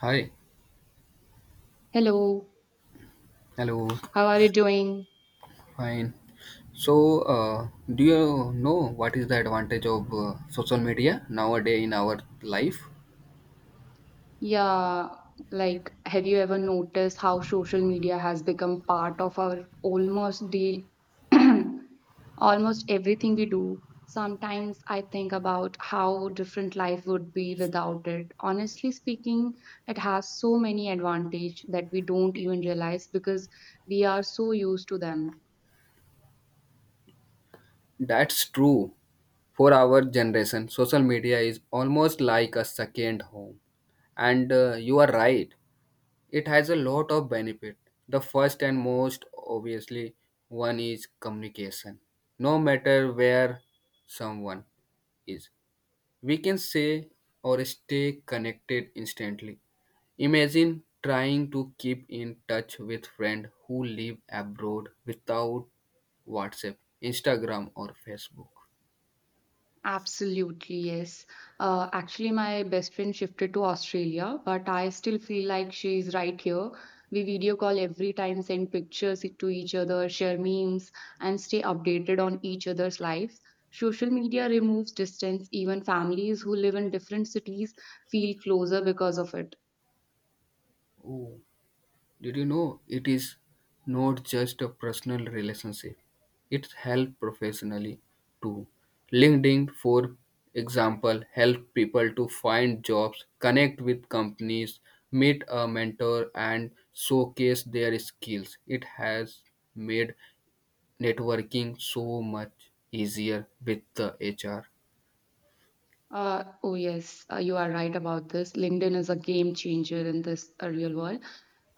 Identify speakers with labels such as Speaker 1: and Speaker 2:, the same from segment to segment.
Speaker 1: Hi,
Speaker 2: Hello,
Speaker 1: hello,
Speaker 2: how are you doing?
Speaker 1: fine. So, do you know what is the advantage of social media nowadays in our life?
Speaker 2: Yeah, like, have you ever noticed how social media has become part of our almost the almost everything we do? Sometimes I think about how different life would be without it. Honestly speaking, it has so many advantages that we don't even realize because we are so used to them.
Speaker 1: That's true. For our generation, social media is almost like a second home. And you are right, it has a lot of benefit. The first and most obviously one is communication. No matter where someone is, we can say or stay connected instantly. Imagine trying to keep in touch with friends who live abroad without WhatsApp, Instagram, or Facebook.
Speaker 2: Absolutely, yes. Actually, my best friend shifted to Australia, but I still feel like she's right here. We video call every time, send pictures to each other, share memes, and stay updated on each other's lives. Social media removes distance. Even families who live in different cities feel closer because of it.
Speaker 1: Oh, did you know it is not just a personal relationship? It helps professionally too. LinkedIn, for example, helps people to find jobs, connect with companies, meet a mentor, and showcase their skills. It has made networking so much easier with the HR.
Speaker 2: Oh, yes, you are right about this. LinkedIn is a game changer in this real world.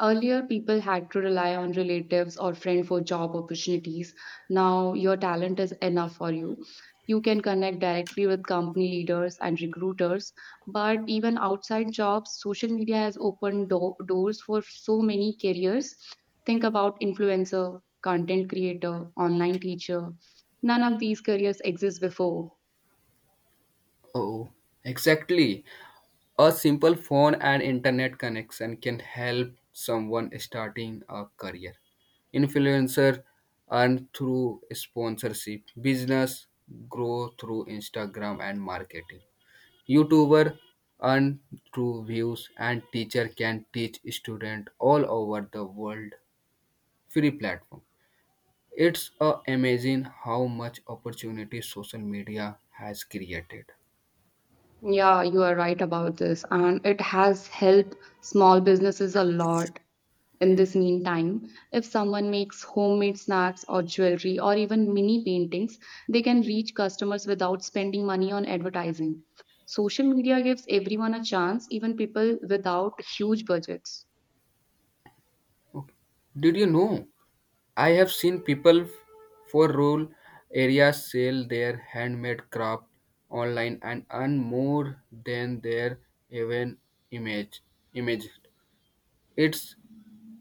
Speaker 2: Earlier, people had to rely on relatives or friends for job opportunities. Now, your talent is enough for you. You can connect directly with company leaders and recruiters. But even outside jobs, social media has opened doors for so many careers. Think about influencer, content creator, online teacher. None of these careers exist before.
Speaker 1: Oh, exactly. A simple phone and internet connection can help someone starting a career. Influencer earn through sponsorship, business grow through Instagram and marketing. YouTuber earn through views and teacher can teach student all over the world free platform. It's amazing how much opportunity social media has created.
Speaker 2: Yeah, you are right about this. And it has helped small businesses a lot in this meantime. If someone makes homemade snacks or jewelry or even mini paintings, they can reach customers without spending money on advertising. Social media gives everyone a chance, even people without huge budgets.
Speaker 1: Did you know? I have seen people for rural areas sell their handmade craft online and earn more than their even image image. It's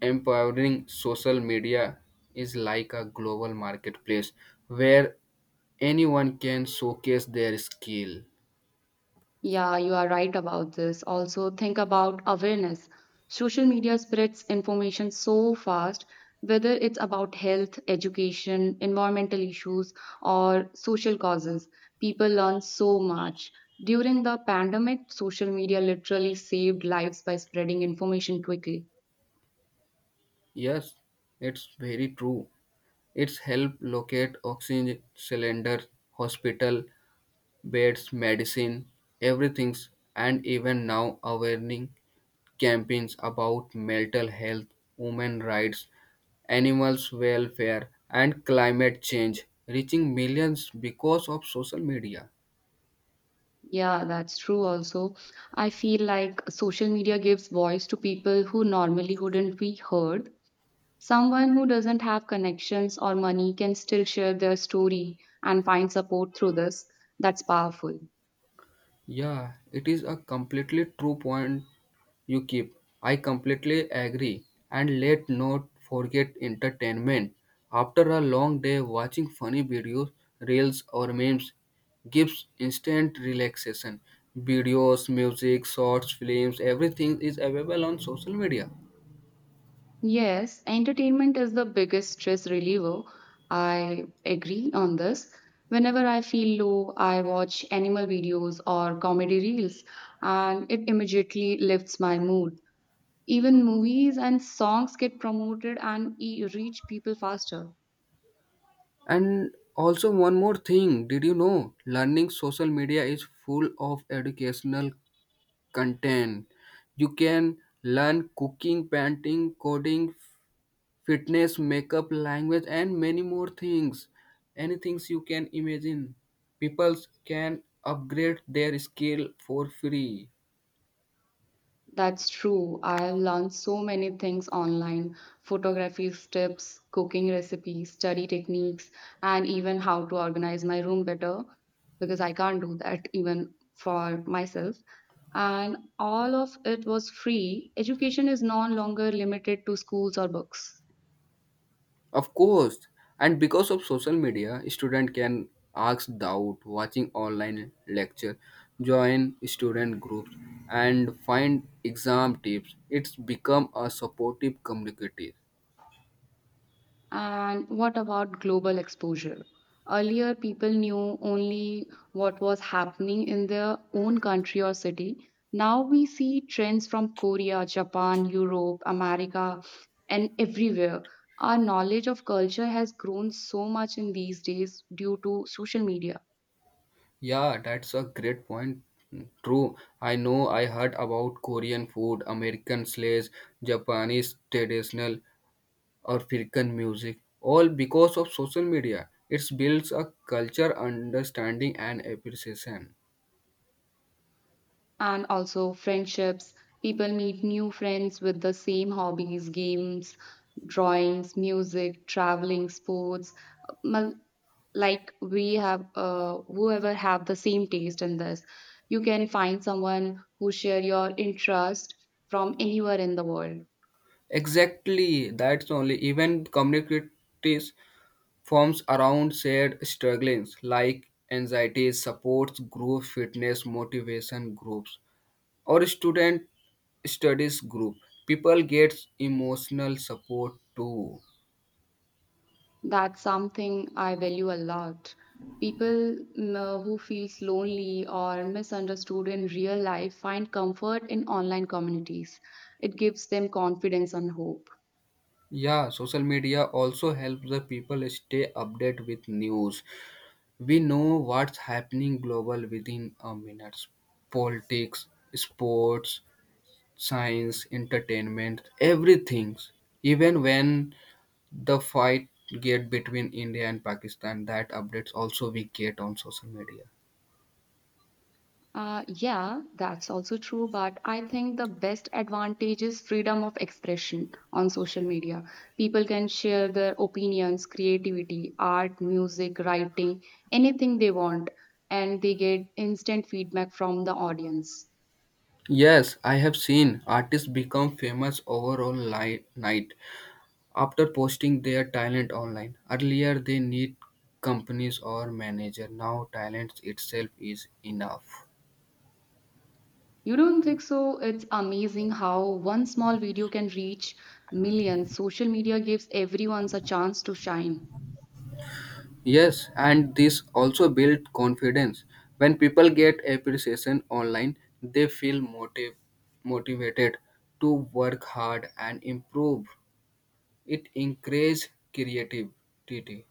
Speaker 1: empowering social media is like a global marketplace where anyone can showcase their skill.
Speaker 2: Yeah, you are right about this. Also, think about awareness. Social media spreads information so fast, whether it's about health, education, environmental issues, or social causes. People learn so much. During the pandemic, social media literally saved lives by spreading information quickly.
Speaker 1: Yes, it's very true. It's helped locate oxygen cylinders, hospital beds, medicine, everything, and even now awareness campaigns about mental health, women rights, animals welfare, and climate change, reaching millions because of social media.
Speaker 2: Yeah, that's true also. I feel like social media gives voice to people who normally wouldn't be heard. Someone who doesn't have connections or money can still share their story and find support through this. That's powerful.
Speaker 1: Yeah, it is a completely true point you keep. I completely agree. And let not forget entertainment. After a long day, watching funny videos, reels, or memes gives instant relaxation. Videos, music, shorts, films, everything is available on social media.
Speaker 2: Yes, entertainment is the biggest stress reliever. I agree on this. Whenever I feel low, I watch animal videos or comedy reels, and it immediately lifts my mood. Even movies and songs get promoted and reach people faster.
Speaker 1: And also, one more thing, did you know learning social media is full of educational content. You can learn cooking, painting, coding, fitness, makeup, language, and many more things. Any things you can imagine. People can upgrade their skill for free.
Speaker 2: That's true. I've learned so many things online, photography tips, cooking recipes, study techniques, and even how to organize my room better because I can't do that even for myself. And all of it was free. Education is no longer limited to schools or books.
Speaker 1: Of course. And because of social media, student can ask doubt, watching online lecture, join student groups, and find exam tips. It's become a supportive community.
Speaker 2: And what about global exposure? Earlier, people knew only what was happening in their own country or city. Now we see trends from Korea, Japan, Europe, America, and everywhere. Our knowledge of culture has grown so much in these days due to social media.
Speaker 1: Yeah, that's a great point. True. I know I heard about Korean food, American slays, Japanese traditional, or African music, all because of social media. It builds a culture, understanding, and appreciation.
Speaker 2: And also friendships. People meet new friends with the same hobbies, games, drawings, music, traveling, sports. Mul- Like we have, whoever have the same taste in this, you can find someone who share your interest from anywhere in the world.
Speaker 1: Exactly. That's only even communities forms around shared struggles like anxiety, supports, group fitness, motivation groups. Or student studies group people get emotional support too.
Speaker 2: That's something I value a lot. People who feels lonely or misunderstood in real life find comfort in online communities. It gives them confidence and hope.
Speaker 1: Yeah, social media also helps the people stay updated with news. We know what's happening global within a minute. Politics, sports, science, entertainment, everything. Even when the fight get between India and Pakistan, that updates also we get on social media.
Speaker 2: Yeah, that's also true, but I think the best advantage is freedom of expression on social media. People can share their opinions, creativity, art, music, writing, anything they want, and they get instant feedback from the audience.
Speaker 1: Yes, I have seen artists become famous over online night after posting their talent online. Earlier they need companies or manager. Now talent itself is enough.
Speaker 2: You don't think so? It's amazing how one small video can reach millions. Social media gives everyone a chance to shine.
Speaker 1: Yes, and this also builds confidence. When people get appreciation online, they feel motivated to work hard and improve. It encourages creativity.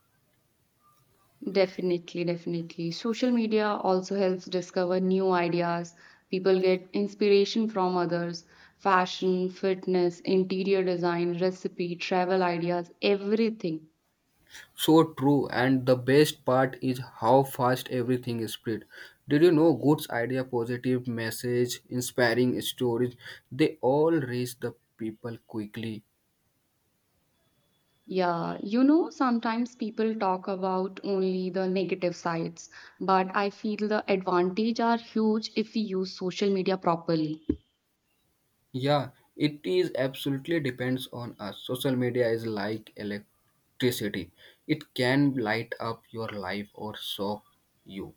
Speaker 2: Definitely, definitely. Social media also helps discover new ideas. People get inspiration from others. Fashion, fitness, interior design, recipe, travel ideas, everything.
Speaker 1: So true, and the best part is how fast everything is spread. Did you know good idea, positive message, inspiring stories, they all reach the people quickly.
Speaker 2: Yeah, you know, sometimes people talk about only the negative sides, but I feel the advantage are huge if we use social media properly.
Speaker 1: Yeah, it is absolutely depends on us. Social media is like electricity. It can light up your life or shock you.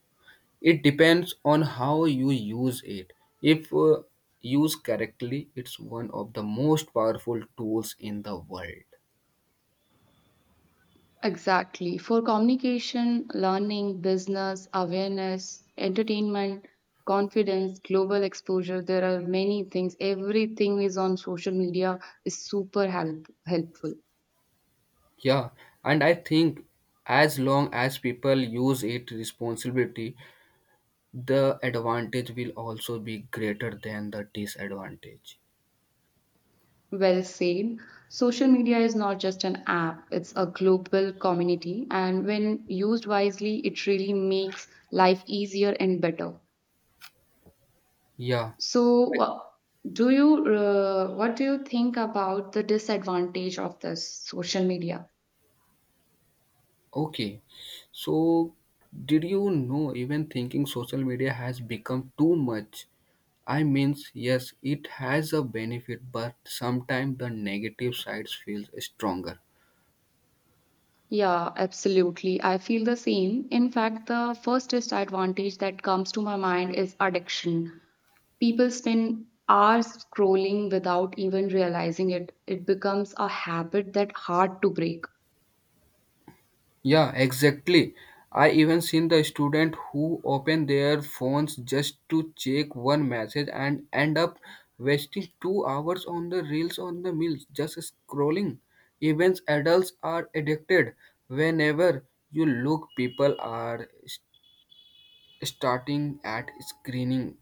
Speaker 1: It depends on how you use it. If used correctly, it's one of the most powerful tools in the world.
Speaker 2: Exactly. For communication, learning, business, awareness, entertainment, confidence, global exposure, there are many things. Everything is on social media is super helpful.
Speaker 1: Yeah, and I think as long as people use it responsibility, the advantage will also be greater than the disadvantage.
Speaker 2: Well said. Social media is not just an app, it's a global community. And when used wisely, it really makes life easier and better.
Speaker 1: Yeah.
Speaker 2: So,
Speaker 1: I-
Speaker 2: do you what do you think about the disadvantage of this social media?
Speaker 1: Okay. So did you know even thinking social media has become too much? I means yes, it has a benefit, but sometimes the negative sides feels stronger.
Speaker 2: Yeah, absolutely. I feel the same. In fact, the first disadvantage that comes to my mind is addiction. People spend hours scrolling without even realizing it. It becomes a habit that hard to break.
Speaker 1: Yeah, exactly. I even seen the student who open their phones just to check one message and end up wasting 2 hours on the reels on the meals just scrolling. Even adults are addicted. Whenever you look, people are starting at screening.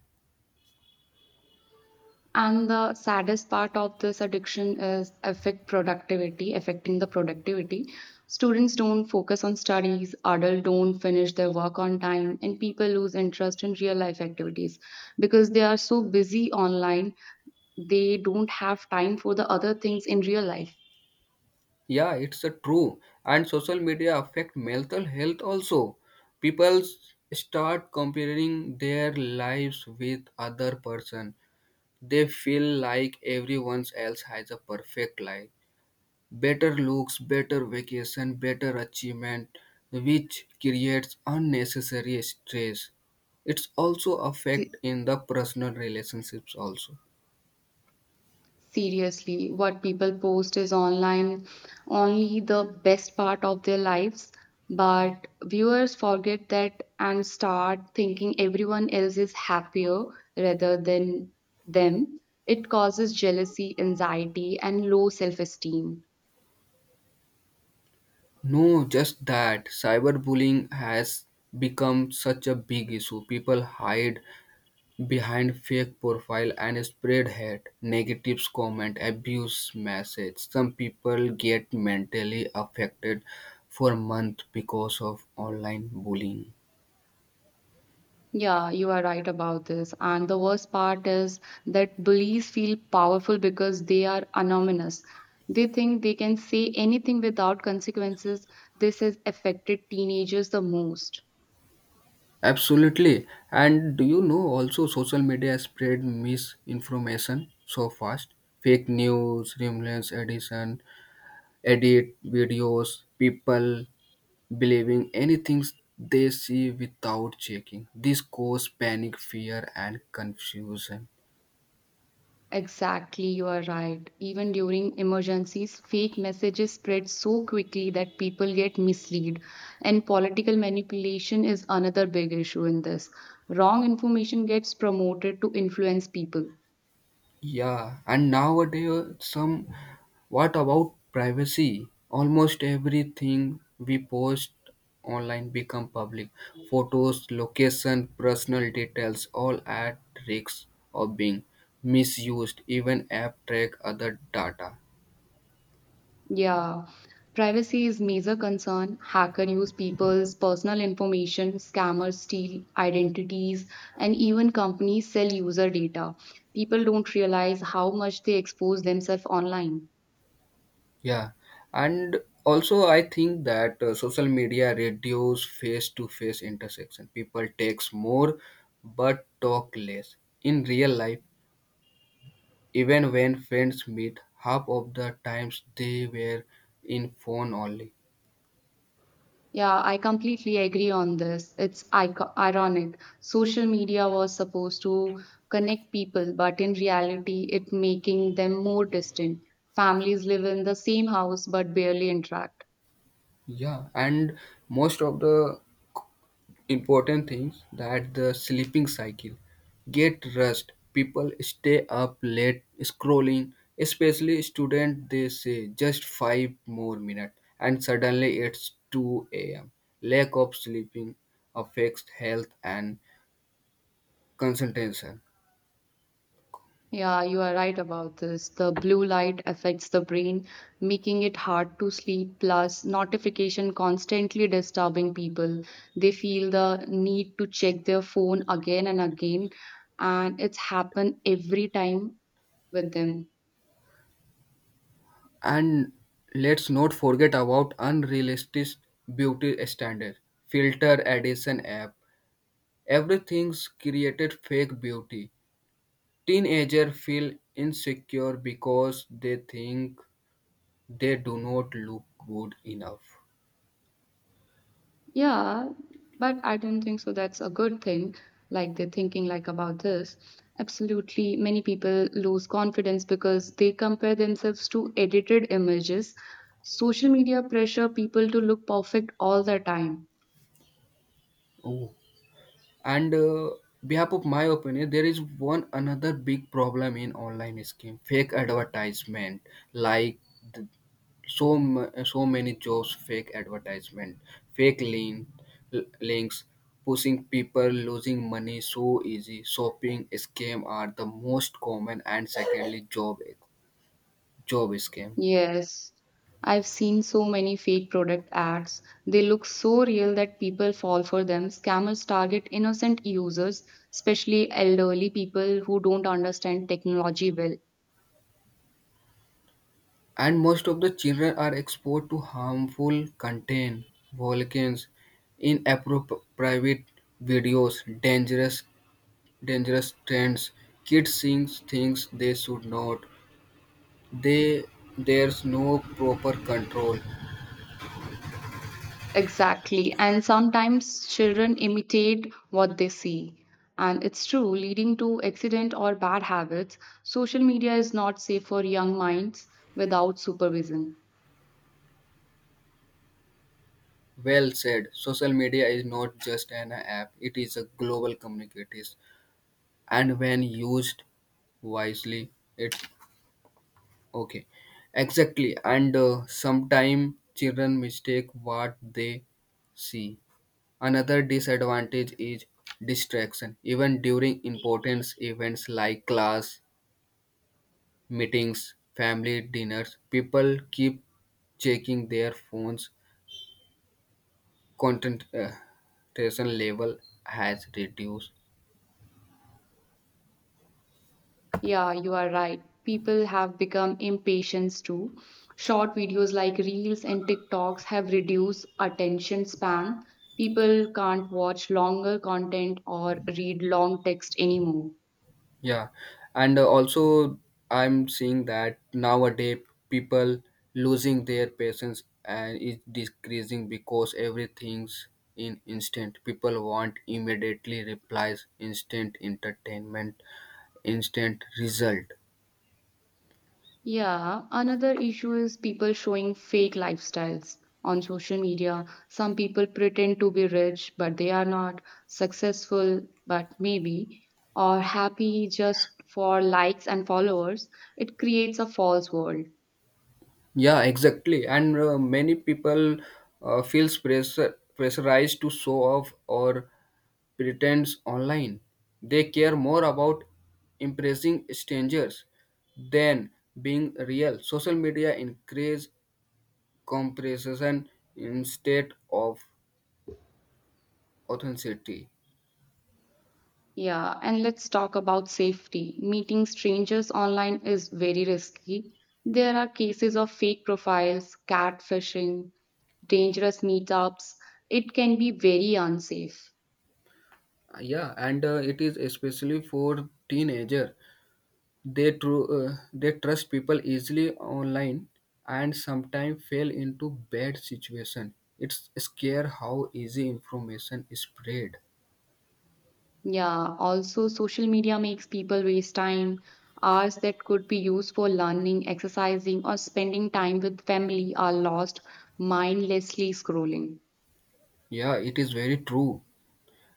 Speaker 2: And the saddest part of this addiction is affecting the productivity. Students don't focus on studies, adults don't finish their work on time, and people lose interest in real life activities because they are so busy online, they don't have time for the other things in real life.
Speaker 1: Yeah, it's a true. And social media affect mental health also. People start comparing their lives with other person. They feel like everyone else has a perfect life, better looks, better vacation, better achievement, which creates unnecessary stress. It's also affect in the personal relationships also.
Speaker 2: Seriously, what people post is online only the best part of their lives, but viewers forget that and start thinking everyone else is happier rather than them. It causes jealousy, anxiety, and low self esteem.
Speaker 1: No, just that cyberbullying has become such a big issue. People hide behind fake profile and spread hate, negative comment, abuse message. Some people get mentally affected for months because of online bullying.
Speaker 2: Yeah, you are right about this. And the worst part is that bullies feel powerful because they are anonymous. They think they can say anything without consequences. This has affected teenagers the most.
Speaker 1: Absolutely. And do you know also social media spread misinformation so fast? Fake news, rumors, edit videos, people believing anything they see without checking. This cause panic, fear, and confusion.
Speaker 2: Exactly, you are right. Even during emergencies, fake messages spread so quickly that people get misled. And political manipulation is another big issue in this. Wrong information gets promoted to influence people.
Speaker 1: Yeah, and nowadays, some what about privacy? Almost everything we post online become public. Photos, location, personal details, all at risk of being misused. Even app track other data.
Speaker 2: Yeah, privacy is major concern. Hacker use people's personal information, scammers steal identities, and even companies sell user data. People don't realize how much they expose themselves online.
Speaker 1: Yeah, and also I think that social media reduce face-to-face intersection. People text more but talk less. In real life, even when friends meet, half of the times they were in phone only.
Speaker 2: Yeah, I completely agree on this. It's ironic. Social media was supposed to connect people, but in reality, it making them more distant. Families live in the same house but barely interact.
Speaker 1: Yeah, and most of the important things that the sleeping cycle get rest. People stay up late scrolling, especially student. They say just 5 more minutes, and suddenly it's two a.m. Lack of sleeping affects health and concentration.
Speaker 2: Yeah, you are right about this. The blue light affects the brain, making it hard to sleep, plus notification constantly disturbing people. They feel the need to check their phone again and again, and it's happened every time with them.
Speaker 1: And let's not forget about unrealistic beauty standards. Filter addition app. Everything's created fake beauty. Teenagers feel insecure because they think they do not look good enough.
Speaker 2: Yeah, but I don't think so. That's a good thing. Like they're thinking like about this. Absolutely, many people lose confidence because they compare themselves to edited images. Social media pressure people to look perfect all the time.
Speaker 1: Oh. And behalf of my opinion, there is one another big problem in online scheme. Fake advertisement like th- so many jobs fake advertisement fake link, links pushing people losing money so easy shopping scam are the most common and secondly job scam.
Speaker 2: Yes, I've seen so many fake product ads. They look so real that people fall for them. Scammers target innocent users, especially elderly people who don't understand technology well.
Speaker 1: And most of the children are exposed to harmful content, volcans inappropriate videos, dangerous dangerous trends, kids seeing things they should not. They there's no proper control.
Speaker 2: Exactly. And sometimes children imitate what they see. And it's true, leading to accident or bad habits. Social media is not safe for young minds without supervision.
Speaker 1: Well said. Social media is not just an app, it is a global communicates and when used wisely, it's okay. Exactly. And sometimes children mistake what they see. Another disadvantage is distraction. Even during important events like class, meetings, family dinners, people keep checking their phones. Concentration level has reduced.
Speaker 2: Yeah, you are right. People have become impatient too. Short videos like Reels and TikToks have reduced attention span. People can't watch longer content or read long text anymore.
Speaker 1: Yeah, and also I'm seeing that nowadays people losing their patience and is decreasing because everything's in instant. People want immediately replies, instant entertainment, instant result.
Speaker 2: Yeah, another issue is people showing fake lifestyles on social media. Some people pretend to be rich, but they are not successful, but maybe, or happy just for likes and followers. It creates a false world.
Speaker 1: Yeah, exactly. And many people feels pressure pressurized to show off or pretends online. They care more about impressing strangers than being real. Social media increase comparison instead of authenticity.
Speaker 2: Yeah, and let's talk about safety. Meeting strangers online is very risky. There are cases of fake profiles, catfishing, dangerous meetups. It can be very unsafe.
Speaker 1: Yeah, and it is especially for teenager. They trust people easily online and sometimes fall into bad situation. It's scare how easy information is spread.
Speaker 2: Yeah, also social media makes people waste time, hours that could be used for learning, exercising, or spending time with family are lost mindlessly scrolling.
Speaker 1: Yeah, it is very true.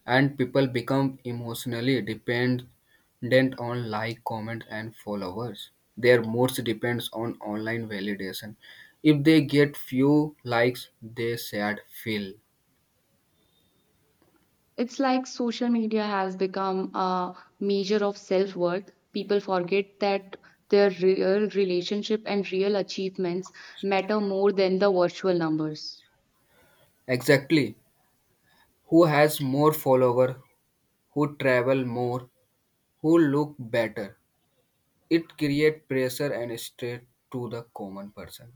Speaker 1: And people become emotionally dependent on like comments and followers. Their moods depends on online validation. If they get few likes they sad feel.
Speaker 2: It's like social media has become a measure of self-worth. People forget that their real relationship and real achievements matter more than the virtual numbers.
Speaker 1: Exactly. Who has more follower, who travel more, who look better, it create pressure and stress to the common person.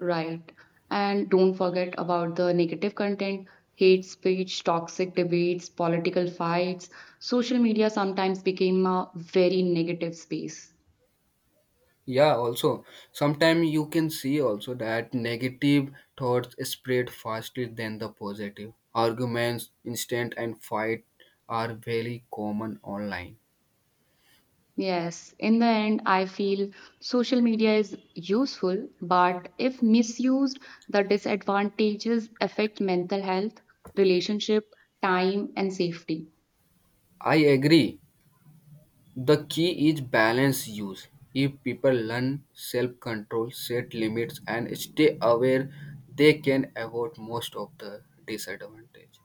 Speaker 2: Right. And don't forget about the negative content, hate speech, toxic debates, political fights. Social media sometimes became a very negative space.
Speaker 1: Yeah, also sometimes you can see also that negative thoughts spread faster than the positive. Arguments, instant and fight are very common online.
Speaker 2: Yes, in the end, I feel social media is useful, but if misused, the disadvantages affect mental health, relationship, time, and safety.
Speaker 1: I agree. The key is balance use. If people learn self-control, set limits and stay aware, they can avoid most of the disadvantage.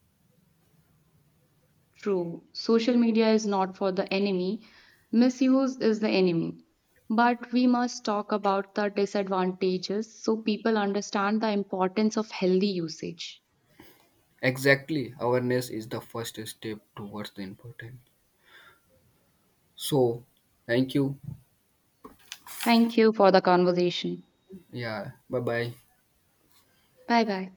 Speaker 2: True, social media is not for the enemy, misuse is the enemy. But we must talk about the disadvantages so people understand the importance of healthy usage.
Speaker 1: Exactly. Awareness is the first step towards the important. So, thank you.
Speaker 2: Thank you for the conversation.
Speaker 1: Yeah. Bye-bye.
Speaker 2: Bye bye.